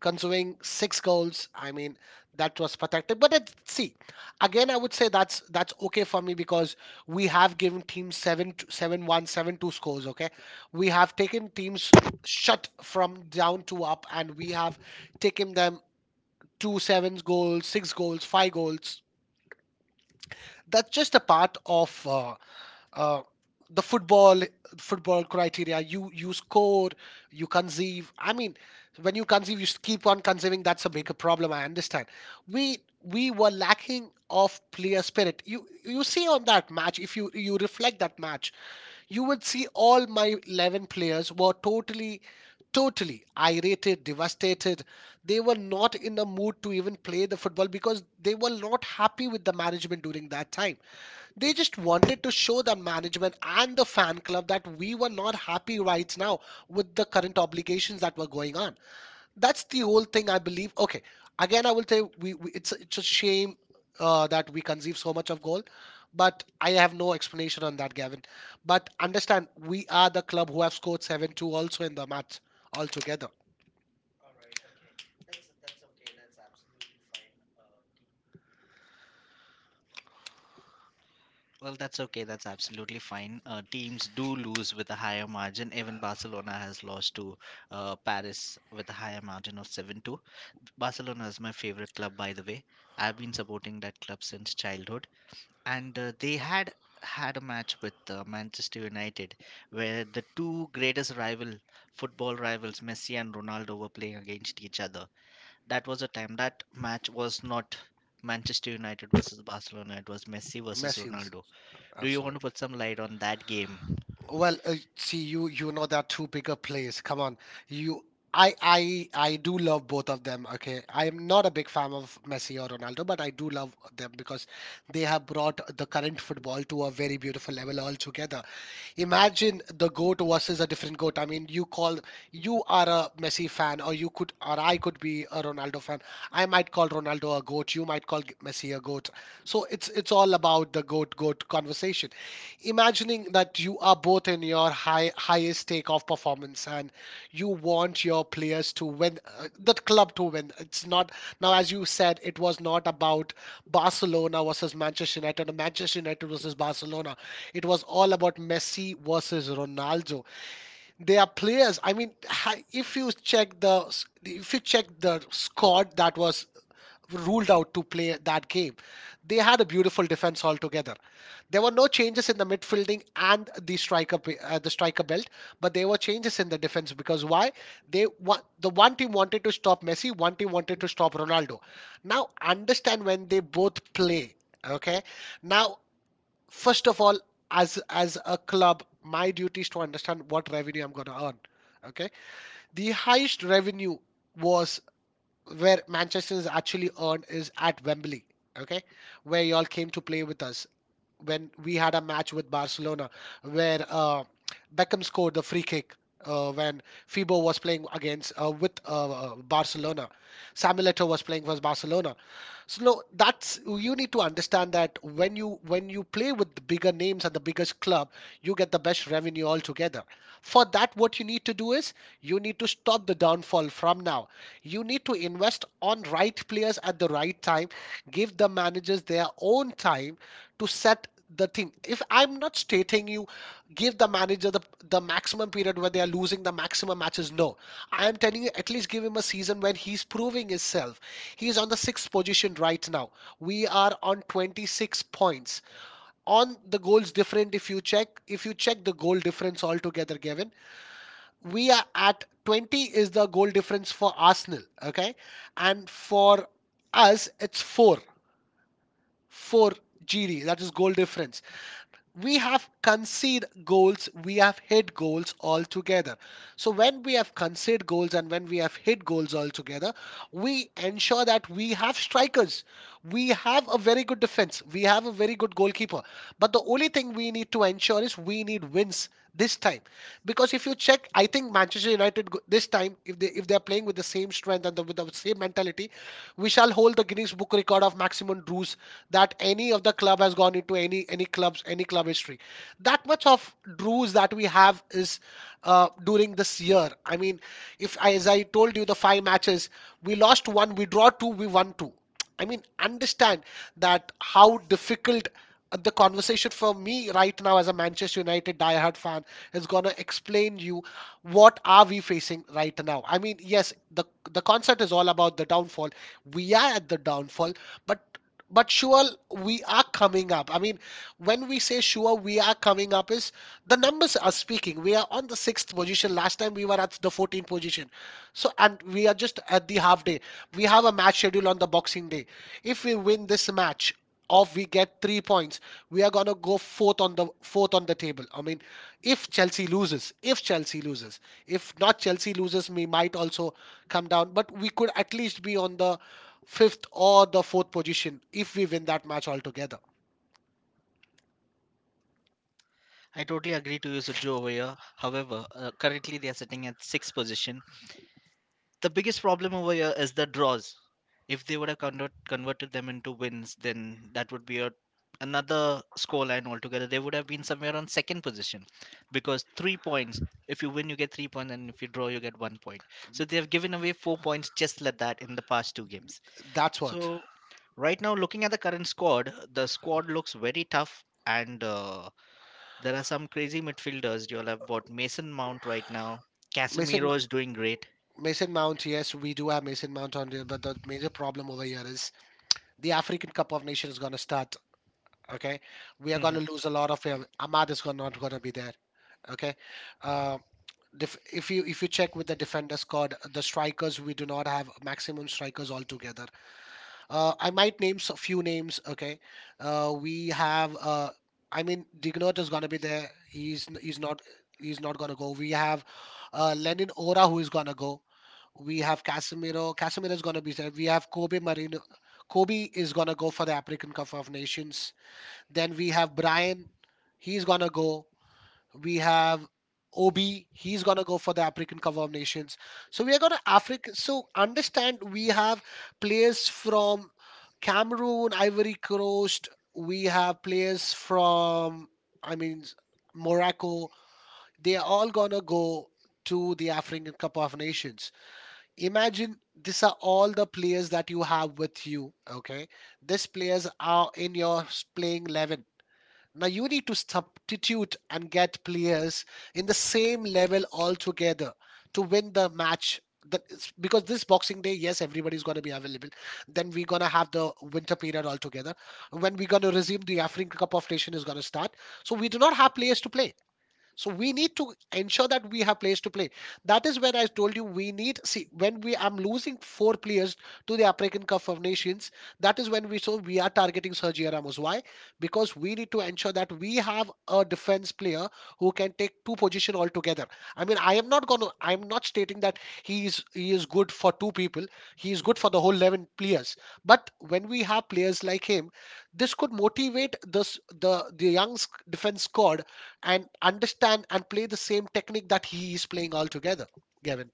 [SPEAKER 2] consuming six goals. I mean, that was pathetic. But it, see, again, I would say that's okay for me because we have given teams 7-1, 7-2 scores. Okay, we have taken teams shut from down to up, and we have taken them two sevens goals, six goals, five goals. That's just a part of uh, the football criteria, you score, you conceive. I mean, when you conceive, you keep on conceiving, that's a bigger problem. I understand we we were lacking of player spirit. You see on that match, if you reflect that match, you would see all my 11 players were totally totally irritated, devastated. They were not in a mood to even play the football because they were not happy with the management during that time. They just wanted to show the management and the fan club that we were not happy right now with the current obligations that were going on. That's the whole thing I believe. Okay, again I will say we it's a shame that we conceive so much of goal, but I have no explanation on that, Gavin. But understand, we are the club who have scored 7-2 also in the match altogether.
[SPEAKER 1] Well, that's okay. That's absolutely fine. Teams do lose with a higher margin. Even Barcelona has lost to Paris with a higher margin of 7-2. Barcelona is my favorite club, by the way. I've been supporting that club since childhood. And they had had a match with Manchester United where the two greatest rival football rivals, Messi and Ronaldo, were playing against each other. That was a time that match was not Manchester United versus Barcelona, it was Messi versus
[SPEAKER 2] Messi was
[SPEAKER 1] Ronaldo. Do you want to
[SPEAKER 2] absolute.
[SPEAKER 1] put some light on that game?
[SPEAKER 2] Well, see, you know there are two bigger plays. Come on, you. I do love both of them. Okay, I am not a big fan of Messi or Ronaldo, but I do love them because they have brought the current football to a very beautiful level altogether. Imagine the goat versus a different goat. I mean, you are a Messi fan, or I could be a Ronaldo fan. I might call Ronaldo a goat. You might call Messi a goat. So it's all about the goat conversation. Imagining that you are both in your highest takeoff performance and you want your players to win, the club to win. It's not now, as you said, it was not about Barcelona versus Manchester United or Manchester United versus Barcelona. It was all about Messi versus Ronaldo. They are players. I mean, if you check the, if you check the squad that was ruled out to play that game. They had a beautiful defense altogether. There were no changes in the midfielding and the striker, the striker belt, but there were changes in the defense because why? They the one team wanted to stop Messi, one team wanted to stop Ronaldo. Now understand when they both play, okay? Now first of all, as a club, my duty is to understand what revenue I'm going to earn, okay? The highest revenue was where Manchester is actually earned is at Wembley, okay, where y'all came to play with us when we had a match with Barcelona, where Beckham scored the free kick when Fibo was playing against with Barcelona, Samuel Eto'o was playing for Barcelona. So no, that's, you need to understand that when you play with the bigger names and the biggest club, you get the best revenue altogether. For that, what you need to do is you need to stop the downfall from now. You need to invest on right players at the right time, give the managers their own time to set the thing. If I'm not stating, you give the manager the maximum period where they are losing the maximum matches, no. I am telling you at least give him a season when he's proving himself. He's on the sixth position right now. We are on 26 points. On the goals different, if you check the goal difference altogether, Gavin, we are at 20 is the goal difference for Arsenal. Okay. And for us, it's four. Four GD. That is goal difference. We have conceded goals, we have hit goals all together. So when we have conceded goals and when we have hit goals all together, we ensure that we have strikers. We have a very good defense. We have a very good goalkeeper. But the only thing we need to ensure is we need wins this time because if you check, I think Manchester United this time, if they are playing with the same strength and the, with the same mentality, we shall hold the Guinness Book record of maximum draws that any of the club has gone into, any clubs, any club history. That much of draws that we have is during this year. I mean, if, as I told you, the five matches: we lost one, we draw two, we won two. I mean, understand that how difficult the conversation for me right now as a Manchester United diehard fan is gonna explain you what are we facing right now. I mean, yes, the concert is all about the downfall. We are at the downfall, but but sure we are coming up. I mean, when we say sure we are coming up is the numbers are speaking. We are on the sixth position. Last time we were at the 14th position. So, and we are just at the half day. We have a match schedule on the Boxing Day. If we win this match, or we get 3 points, we are gonna go fourth, on the fourth on the table. I mean, if Chelsea loses, if Chelsea loses, if not Chelsea loses, we might also come down. But we could at least be on the fifth or the fourth position if we win that match altogether.
[SPEAKER 1] I totally agree to you, Suju, over here. However, currently they are sitting at sixth position, the biggest problem over here is the draws. If they would have converted them into wins, then that would be a, another scoreline altogether. They would have been somewhere on second position because 3 points. If you win, you get 3 points, and if you draw, you get 1 point. So they have given away 4 points just like that in the past two games.
[SPEAKER 2] That's what.
[SPEAKER 1] So right now, looking at the current squad, the squad looks very tough, and there are some crazy midfielders. You all have bought Mason Mount right now.
[SPEAKER 2] Mason
[SPEAKER 1] Casemiro is doing great.
[SPEAKER 2] Mason Mount, yes, we do have Mason Mount on there, but the major problem over here is the African Cup of Nations is gonna start. Okay, we are
[SPEAKER 1] Mhm.
[SPEAKER 2] gonna lose a lot of him. Ahmad is gonna, not gonna be there. Okay, uh, if you check with the defender squad, the strikers, we do not have maximum strikers altogether. I might name a few names. Okay, we have. I mean, Dignot is gonna be there. He's not gonna go. We have Lenin Ora who is gonna go. We have Casemiro. Casemiro is gonna be there. We have Kobe Marino. Kobe is gonna go for the African Cup of Nations. Then we have Brian, he's gonna go. We have Obi, he's gonna go for the African Cup of Nations. So we are gonna Africa. So understand we have players from Cameroon, Ivory Coast. We have players from, I mean, Morocco. They are all gonna go to the African Cup of Nations. Imagine these are all the players that you have with you. Okay, these players are in your playing 11. Now you need to substitute and get players in the same level altogether to win the match. Because this Boxing Day, yes, everybody's going to be available. Then we're going to have the winter period altogether. When we're going to resume, the African Cup of Nation is going to start. So we do not have players to play. So we need to ensure that we have players to play. That is where I told you we need, see, when we I'm losing four players to the African Cup of Nations. That is when we are targeting Sergio Ramos. Why? Because we need to ensure that we have a defense player who can take two position altogether. I mean, I'm not stating that he is good for two people. He is good for the whole 11 players. But when we have players like him, this could motivate this the young defense squad and understand and play the same technique that he is playing altogether, Gavin?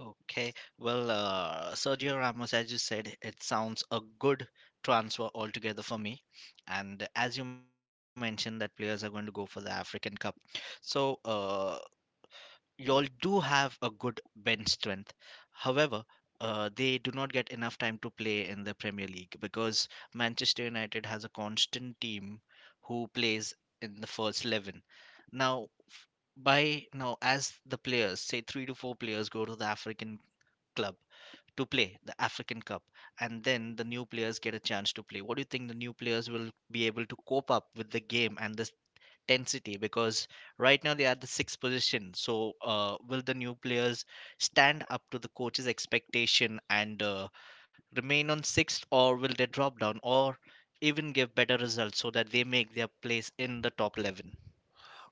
[SPEAKER 1] Okay. Well, Sergio Ramos, as you said, it sounds a good transfer altogether for me. And as you mentioned, that players are going to go for the African Cup. So, y'all do have a good bench strength. However, they do not get enough time to play in the Premier League because Manchester United has a constant team who plays in the first 11. Now, by now, as the players, say three to four players, go to the African club to play the African Cup, and then the new players get a chance to play. What do you think the new players will be able to cope up with the game and the intensity because right now they are the sixth position. So, will the new players stand up to the coach's expectation and remain on sixth, or will they drop down, or even give better results so that they make their place in the top 11?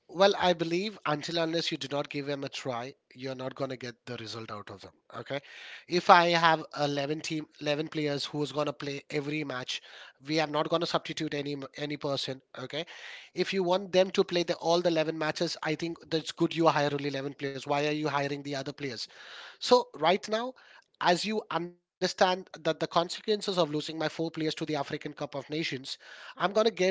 [SPEAKER 2] Well, I believe until unless you do not give him a try, you're not going to get the result out of him. Okay. If I have 11 team, 11 players who's going to play every match, we are not going to substitute any person. Okay. If you want them to play the all the 11 matches, I think that's good. You hire only 11 players. Why are you hiring the other players? So right now, as you understand that the consequences of losing my 4 players to the African Cup of Nations, I'm gonna give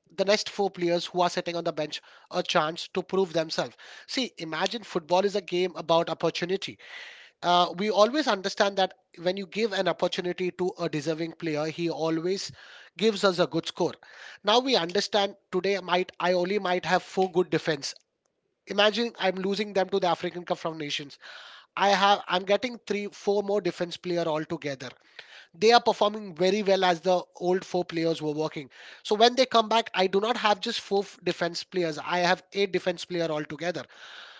[SPEAKER 2] the next 4 players who are sitting on the bench a chance to prove themselves. See, imagine football is a game about opportunity. We always understand that when you give an opportunity to a deserving player, he always gives us a good score. Now we understand today might I only might have four good defense. Imagine I'm losing them to the African Cup of Nations. I'm getting 3 4 more defense player altogether. They are performing very well as the old 4 players were working. So when they come back, I do not have just four defense players. I have eight defense player altogether.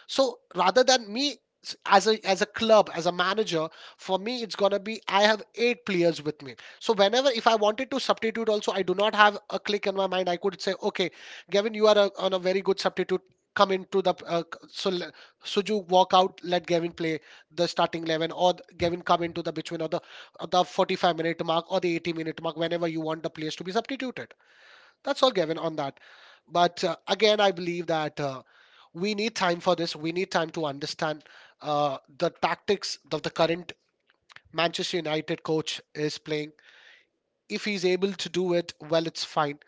[SPEAKER 2] So rather than me as a club, as a manager, for me it's gonna be I have eight players with me. So whenever if I wanted to substitute also, I do not have a click in my mind. I could say, okay, Gavin, you are a, on a very good substitute. Come into the Suju walk out. Let Gavin play the starting 11, or Gavin come into the between or the 45-minute mark or the 80-minute mark. Whenever you want the players to be substituted, that's all, Gavin. On that, but again, I believe that. We need time for this. We need time to understand the tactics that the current Manchester United coach is playing. If he's able to do it, well, it's fine.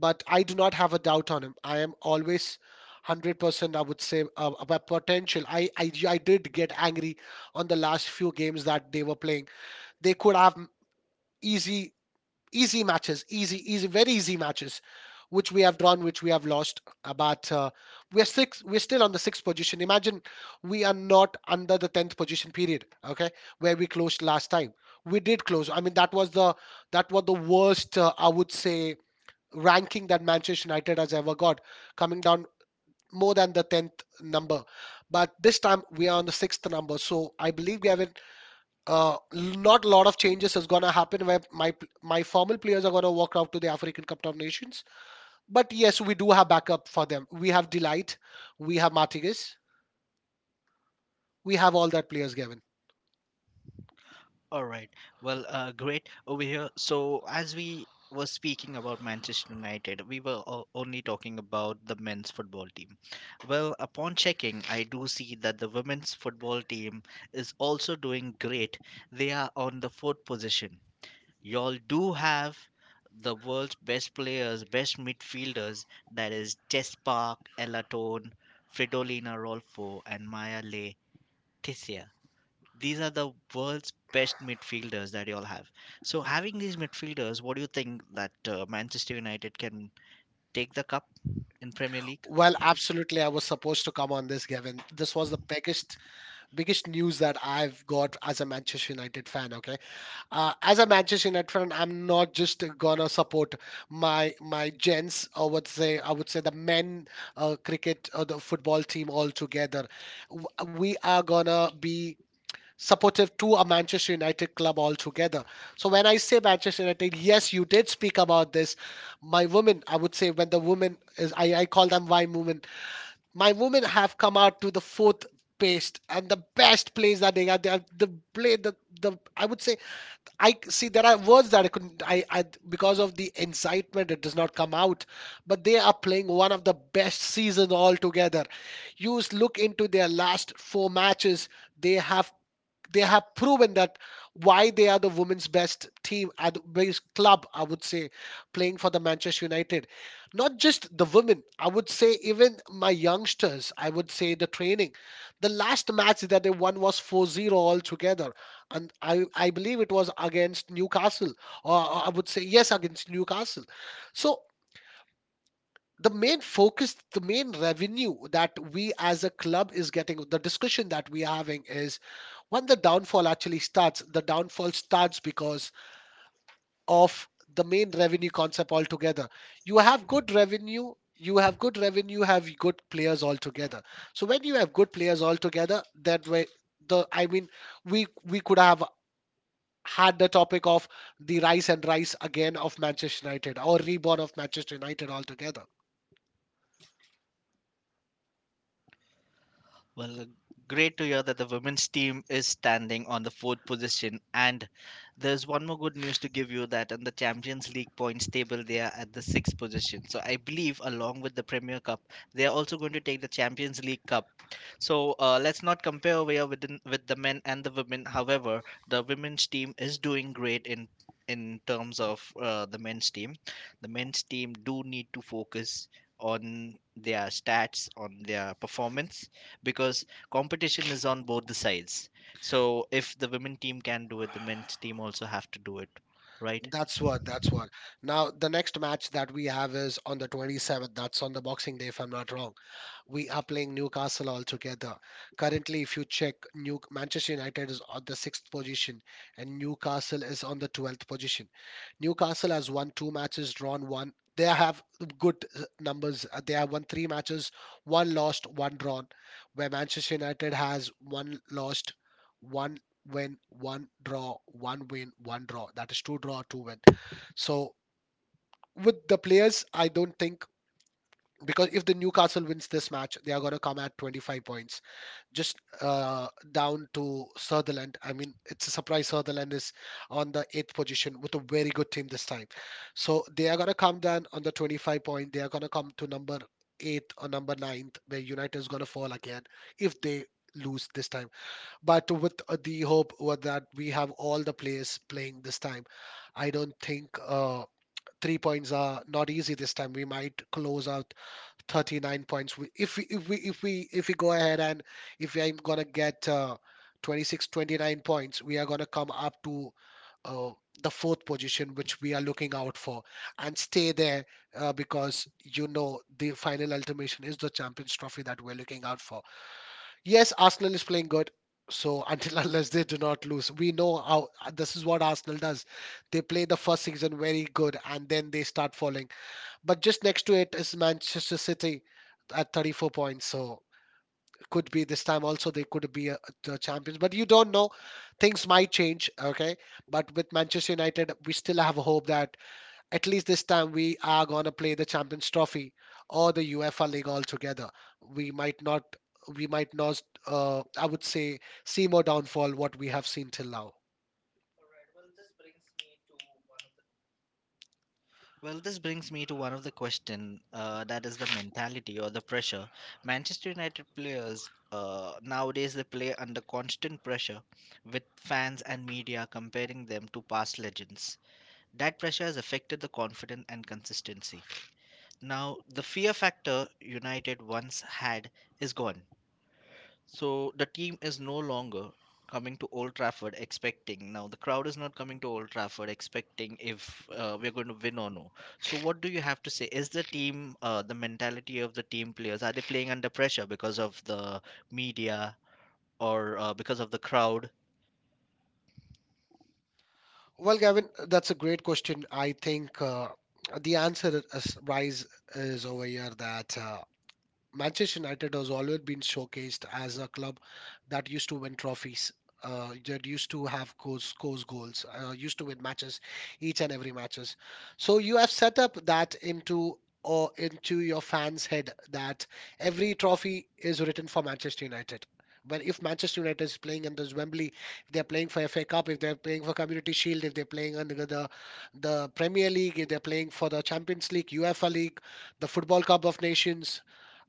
[SPEAKER 2] But I do not have a doubt on him. I am always 100%, I would say, about potential. I did get angry on the last few games that they were playing. They could have easy easy matches, easy, easy, very easy matches, which we have drawn, which we have lost. But we're still on the sixth position. Imagine we are not under the tenth position period. Okay, where we closed last time. We did close. I mean, that was the worst. I would say ranking that Manchester United has ever got, coming down more than the tenth number. But this time we are on the sixth number, so I believe we have an not a lot of changes is going to happen where my formal players are going to walk out to the African Cup of Nations. But yes, we do have backup for them. We have Delight, we have Martinez, we have all that players, Gavin.
[SPEAKER 1] All right. Well, great over here. So, as we were speaking about Manchester United, we were only talking about the men's football team. Well, upon checking, I do see that the women's football team is also doing great. They are on the fourth position. Y'all do have the world's best players, best midfielders, that is Jess Park, Ella Tone, Fridolina Rolfo, and Maya Le, these are the world's best midfielders that you all have. So having these midfielders, what do you think that Manchester United can take the cup in Premier League?
[SPEAKER 2] Well, absolutely, I was supposed to come on this, Gavin. This was the biggest news that I've got as a Manchester United fan. Okay, as a Manchester United fan, I'm not just gonna support my gents or what say I would say the men cricket or the football team all together. We are gonna be supportive to a Manchester United club altogether. So when I say Manchester United, yes, you did speak about this. My women, I would say when the women is I call them why women my women have come out to the fourth best and the best plays that they are. They are the play the I would say I see there are words that I couldn't I because of the incitement it does not come out, but they are playing one of the best seasons altogether. Look into their last four matches, they have they have proven that why they are the women's best team at best club, I would say, playing for the Manchester United. Not just the women, I would say, even my youngsters, I would say, the training, the last match that they won was 4-0 0 altogether, and I believe it was against Newcastle, or I would say yes, against Newcastle. So the main focus, the main revenue that we as a club is getting, the discussion that we are having is when the downfall actually starts, the downfall starts because of the main revenue concept altogether. You have good revenue, you have good revenue, have good players altogether. So when you have good players altogether, that way the I mean we could have had the topic of the rise and rise again of Manchester United or reborn of Manchester United altogether.
[SPEAKER 1] Well, great to hear that the women's team is standing on the fourth position. And there's one more good news to give you that in the Champions League points table, they are at the sixth position. So I believe, along with the Premier Cup, they are also going to take the Champions League Cup. So let's not compare over here within, with the men and the women. However, the women's team is doing great in terms of the men's team. The men's team do need to focus on their stats, on their performance because competition is on both the sides. So if the women team can do it, the men's team also have to do it, right?
[SPEAKER 2] That's what. Now, the next match that we have is on the 27th. That's on the Boxing Day, if I'm not wrong. We are playing Newcastle altogether. Currently, if you check, New Manchester United is on the sixth position, and Newcastle is on the 12th position. Newcastle has won two matches, drawn one. They have good numbers. They have won three matches, one lost, one drawn. Where Manchester United has one lost, one win, one draw, one win, one draw. That is two draw, two win. So with the players, I don't think because if the Newcastle wins this match, they are going to come at 25 points, just down to Sutherland. I mean, it's a surprise. Sutherland is on the eighth position with a very good team this time, so they are going to come down on the 25 point. They are going to come to number eighth or number ninth, where United is going to fall again if they lose this time. But with the hope that we have all the players playing this time, I don't think 3 points are not easy this time. We might close out 39 points. If we go ahead, and if I'm gonna get 26 29 points, we are gonna come up to uh, the fourth position, which we are looking out for, and stay there because you know the final ultimation is the Champions Trophy that we're looking out for. Yes, Arsenal is playing good. So until unless they do not lose, we know how this is what Arsenal does. They play the first season very good and then they start falling. But just next to it is Manchester City at 34 points. So it could be this time also they could be the champions. But you don't know. Things might change. Okay. But with Manchester United, we still have hope that at least this time we are going to play the Champions Trophy or the UEFA League altogether. We might not. We might not, I would say, see more downfall what we have seen till now.
[SPEAKER 1] Well, this brings me to one of the question that is the mentality or the pressure. Manchester United players nowadays they play under constant pressure with fans and media comparing them to past legends. That pressure has affected the confidence and consistency. Now, the fear factor United once had is gone. So the team is no longer coming to Old Trafford expecting. Now the crowd is not coming to Old Trafford expecting if we're going to win or no. So what do you have to say? Is the team, the mentality of the team players, are they playing under pressure because of the media or because of the crowd?
[SPEAKER 2] Well, Gavin, that's a great question. I think the answer is rise is over here that Manchester United has always been showcased as a club that used to win trophies. That used to have goals, scores goals, used to win matches, each and every matches. So you have set up that into or into your fans' head that every trophy is written for Manchester United. But if Manchester United is playing under Wembley, if they're playing for FA Cup, if they're playing for Community Shield, if they're playing under the Premier League, if they're playing for the Champions League, UEFA League, the Football Cup of Nations,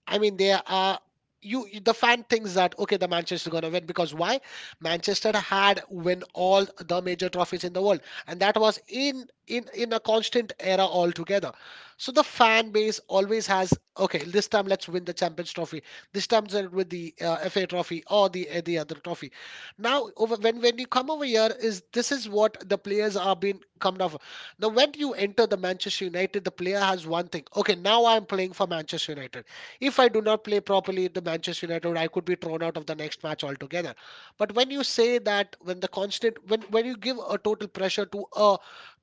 [SPEAKER 2] I mean, there are The fan thinks that okay, the Manchester gonna win because why? Manchester had win all the major trophies in the world, and that was in a constant era altogether. So the fan base always has okay. This time let's win the Champions Trophy. This time let's with the FA Trophy or the other trophy. Now over when you come over here is this is what the players are being come off. Now when you enter the Manchester United, the player has one thing. Okay, now I'm playing for Manchester United. If I do not play properly in the Manchester United, I could be thrown out of the next match altogether. But when you say that, when when you give a total pressure to a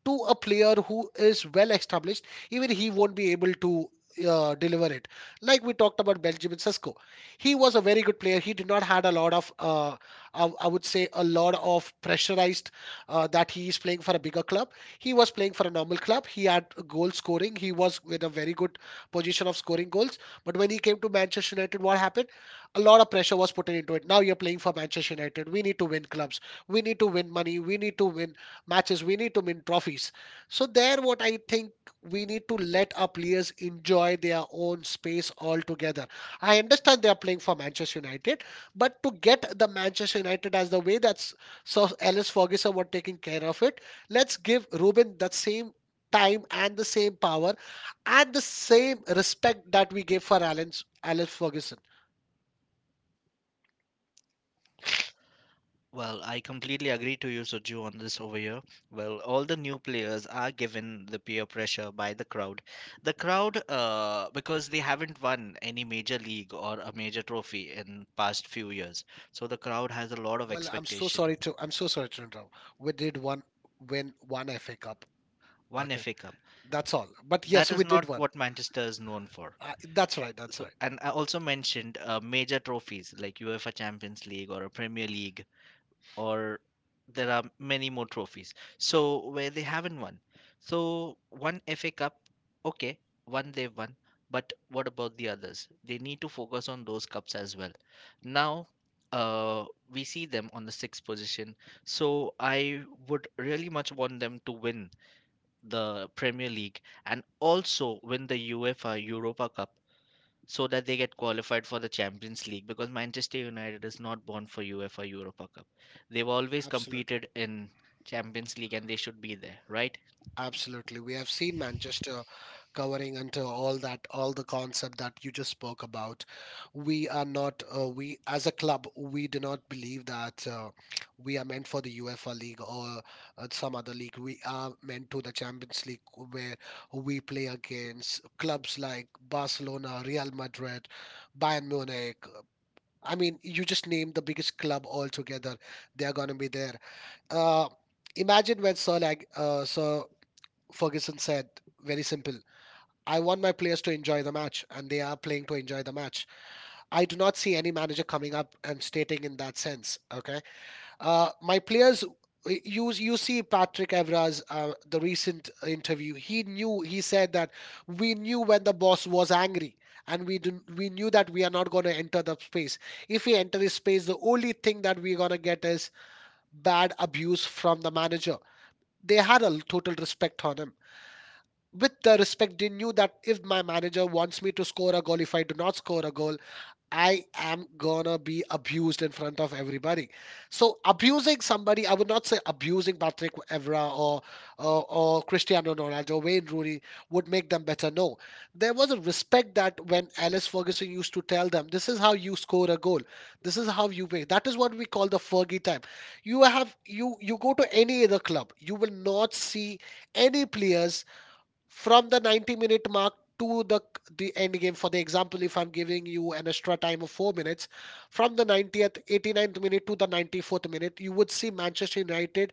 [SPEAKER 2] player who is well established, even he won't be able to deliver it. Like we talked about Benjamin Sesko, he was a very good player. He did not had a lot of, I would say, a lot of pressurized that he is playing for a bigger club. He was playing for a normal club. He had goal scoring. He was with a very good position of scoring goals. But when he came to Manchester United, what happened? A lot of pressure was put into it. Now you're playing for Manchester United. We need to win clubs. We need to win money. We need to win matches. We need to win trophies. So there, what I think we need to let our players enjoy their own space altogether. I understand they are playing for Manchester United, but to get the Manchester United as the way that's so Alice Ferguson were taking care of it, let's give Ruben that same time and the same power and the same respect that we gave for Alan's Alex Ferguson.
[SPEAKER 1] Well, I completely agree to you, Suju, on this over here. Well, all the new players are given the peer pressure by the crowd. The crowd, because they haven't won any major league or a major trophy in past few years, so the crowd has a lot of expectation.
[SPEAKER 2] I'm so sorry to interrupt. We did one win one FA Cup.
[SPEAKER 1] One
[SPEAKER 2] Okay,
[SPEAKER 1] FA Cup.
[SPEAKER 2] that's all. But yes,
[SPEAKER 1] That
[SPEAKER 2] we
[SPEAKER 1] is not
[SPEAKER 2] did one.
[SPEAKER 1] what Manchester is known for.
[SPEAKER 2] That's right. That's
[SPEAKER 1] So,
[SPEAKER 2] right.
[SPEAKER 1] and I also mentioned major trophies like UEFA Champions League or a Premier League or there are many more trophies. So where they haven't won. So one FA Cup, okay, one they've won, but what about the others? They need to focus on those cups as well. Now, uh, we see them on the sixth position. So I would really much want them to win the Premier League and also win the UEFA Europa Cup so that they get qualified for the Champions League because Manchester United is not born for UEFA Europa Cup. They've always
[SPEAKER 2] Absolutely.
[SPEAKER 1] competed in Champions League and they should be there, right?
[SPEAKER 2] Absolutely. We have seen Manchester covering until all that, all the concept that you just spoke about. We are not, we as a club, we do not believe that we are meant for the UEFA league or some other league. We are meant to the Champions League where we play against clubs like Barcelona, Real Madrid, Bayern Munich. I mean, you just name the biggest club altogether. They are going to be there. Uh, Imagine when Sir Ferguson said, very simple. I want my players to enjoy the match, and they are playing to enjoy the match. I do not see any manager coming up and stating in that sense. Okay, my players. You see Patrick Evra's the recent interview. He said that we knew when the boss was angry, and we knew that we are not going to enter the space. If we enter his space, the only thing that we're going to get is bad abuse from the manager. They had a total respect on him. With the respect, they knew that if my manager wants me to score a goal, if I do not score a goal, I am gonna be abused in front of everybody. So abusing somebody, I would not say abusing Patrick Evra or or Cristiano Ronaldo, Wayne Rooney would make them better. No, there was a respect that when Alice Ferguson used to tell them this is how you score a goal, this is how you make, that is what we call the Fergie time. You have you you go to any other club, you will not see any players from the 90-minute mark to the end game. For the example, if I'm giving you an extra time of 4 minutes, from the 90th 89th minute to the 94th minute, you would see Manchester United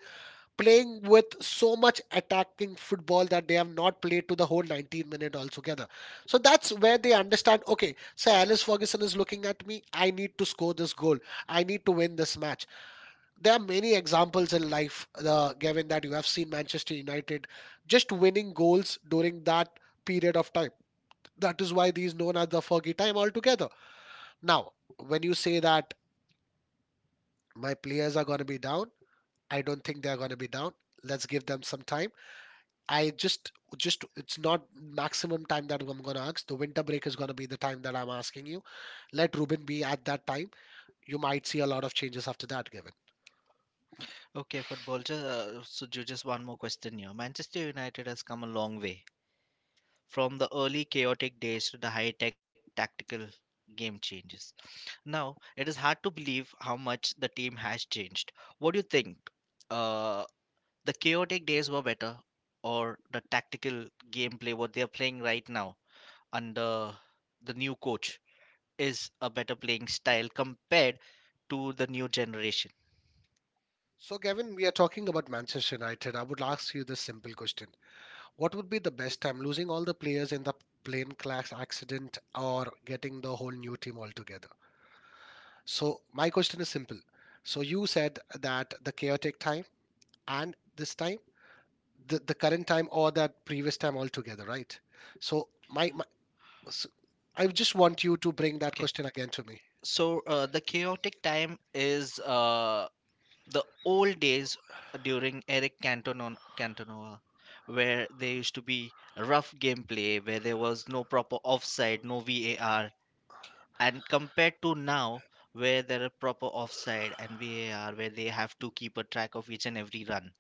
[SPEAKER 2] playing with so much attacking football that they have not played to the whole 19-minute altogether. So that's where they understand, okay, so Alice Ferguson is looking at me, I need to score this goal, I need to win this match. There are many examples in life, Gavin, that you have seen Manchester United just winning goals during that period of time. That is why these known as the Fergie time altogether. Now, when you say that my players are going to be down, I don't think they are going to be down. Let's give them some time. I just, just it's not maximum time that I'm going to ask. The winter break is going to be the time that I'm asking you. Let Ruben be at that time. You might see a lot of changes after that, Gavin.
[SPEAKER 1] Okay, football. Just, just one more question here. Manchester United has come a long way from the early chaotic days to the high-tech tactical game changes. Now, it is hard to believe how much the team has changed. What do you think? Uh, The chaotic days were better, or the tactical gameplay what they are playing right now under the new coach is a better playing style compared to the new generation.
[SPEAKER 2] So, Gavin, we are talking about Manchester United. I would ask you this simple question. What would be the best time, losing all the players in the plane crash accident or getting the whole new team altogether? So, my question is simple. So, you said that the chaotic time and this time, the current time or that previous time altogether, right? So, my s I just want you to bring that
[SPEAKER 1] Okay,
[SPEAKER 2] question again to me.
[SPEAKER 1] so the chaotic time is the old days during Cantona, where there used to be rough gameplay, where there was no proper offside, no VAR, and compared to now where there are proper offside and VAR where they have to keep a track of each and every run.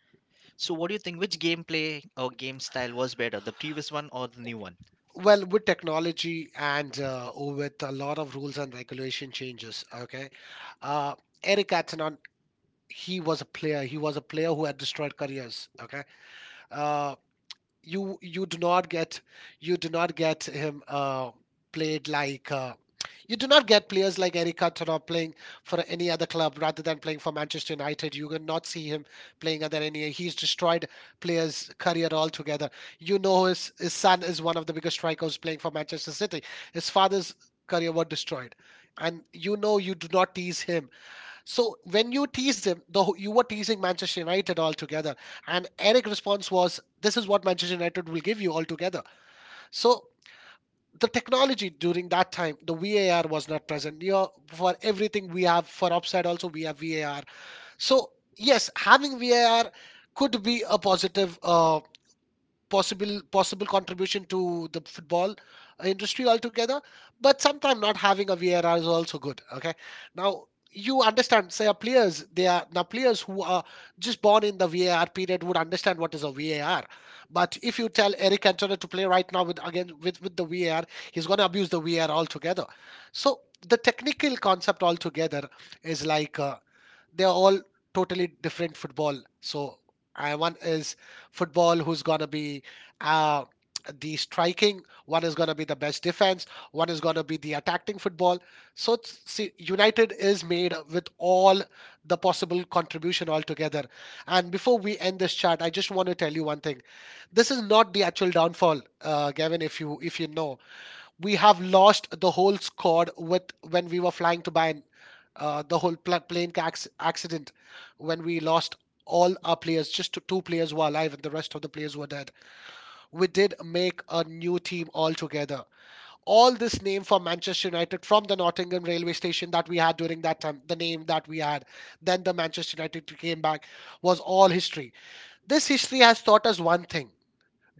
[SPEAKER 1] So what do you think which gameplay or game style was better, the previous one or the new one?
[SPEAKER 2] Well, with technology and with a lot of rules and regulation changes, okay. Uh, Eric Cantona, he was a player. He was a player who had destroyed careers, okay. Uh, you you do not get you do not get him played like you do not get players like Eric Cantona playing for any other club rather than playing for Manchester United. You cannot see him playing other any. He's destroyed players' career altogether. You know his son is one of the biggest strikers playing for Manchester City. His father's career was destroyed, and you know you do not tease him. So when you teased him, you were teasing Manchester United altogether, and Eric's response was, "This is what Manchester United will give you altogether." So the technology during that time, the VAR was not present. You know, for everything we have for offside, also we have VAR. So yes, having VAR could be a positive. Possible contribution to the football industry altogether, but sometimes not having a VAR is also good, okay. Now, you understand, say our players, they are now players who are just born in the VAR period would understand what is a VAR. But if you tell Eric Cantona to play right now with, again, with the VAR, he's going to abuse the VAR altogether. So the technical concept altogether is like they're all totally different football. So one is football who's gonna be uh, the striking, one is going to be the best defense, one is going to be the attacking football. So it's- see, United is made with all the possible contribution altogether. And before we end this chat, I just want to tell you one thing. This is not the actual downfall, Gavin. If you know, we have lost the whole squad with, when we were flying to Bayern, the whole pla plane accident, when we lost all our players, just two players were alive and the rest of the players were dead. We did make a new team altogether. All this name for Manchester United from the Nottingham railway station that we had during that time, the name that we had, then the Manchester United came back, was all history. This history has taught us one thing: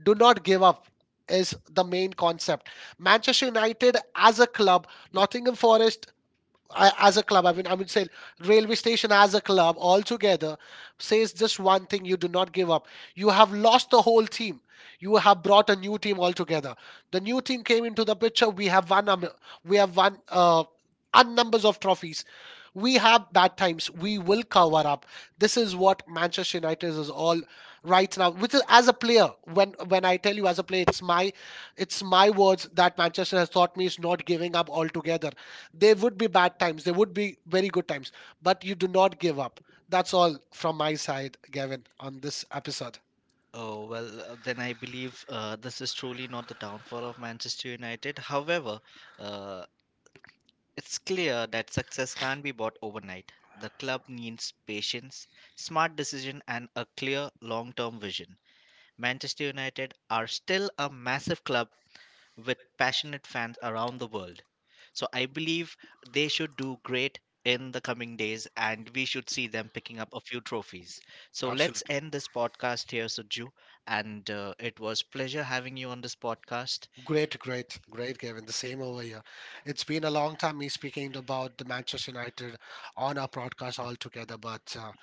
[SPEAKER 2] do not give up is the main concept. Manchester United as a club, Nottingham Forest, I, as a club, I mean, I would say railway station as a club altogether, says just one thing: you do not give up. You have lost the whole team. You have brought a new team altogether. The new team came into the picture. We have won. We have won un numbers of trophies. We have bad times. We will cover up. This is what Manchester United is all right now. Which is as a player, when I tell you as a player, it's my words that Manchester has taught me is not giving up altogether. There would be bad times, there would be very good times, but you do not give up. That's all from my side, Gavin, on this episode.
[SPEAKER 1] Oh well, then I believe this is truly not the downfall of Manchester United. However, uh, it's clear that success can't be bought overnight. The club needs patience, smart decision, and a clear long term vision. Manchester United are still a massive club with passionate fans around the world. So I believe they should do great in the coming days and we should see them picking up a few trophies. So let's
[SPEAKER 2] Absolutely.
[SPEAKER 1] end this podcast here, Suju. And it was pleasure having you on this podcast.
[SPEAKER 2] Great, great, great, Gavin. The same over here. It's been a long time me speaking about the Manchester United on our broadcast altogether, but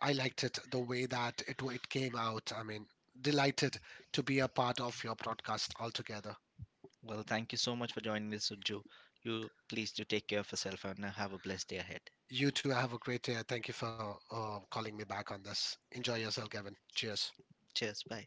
[SPEAKER 2] I liked it the way that it came out. I mean, delighted to be a part of your broadcast altogether.
[SPEAKER 1] Well, thank you so much for joining me, Suju. You please do take care of yourself and have a blessed day ahead.
[SPEAKER 2] You too. Have a great day. Thank you for calling me back on this. Enjoy yourself, Kevin. Cheers.
[SPEAKER 1] Cheers. Bye.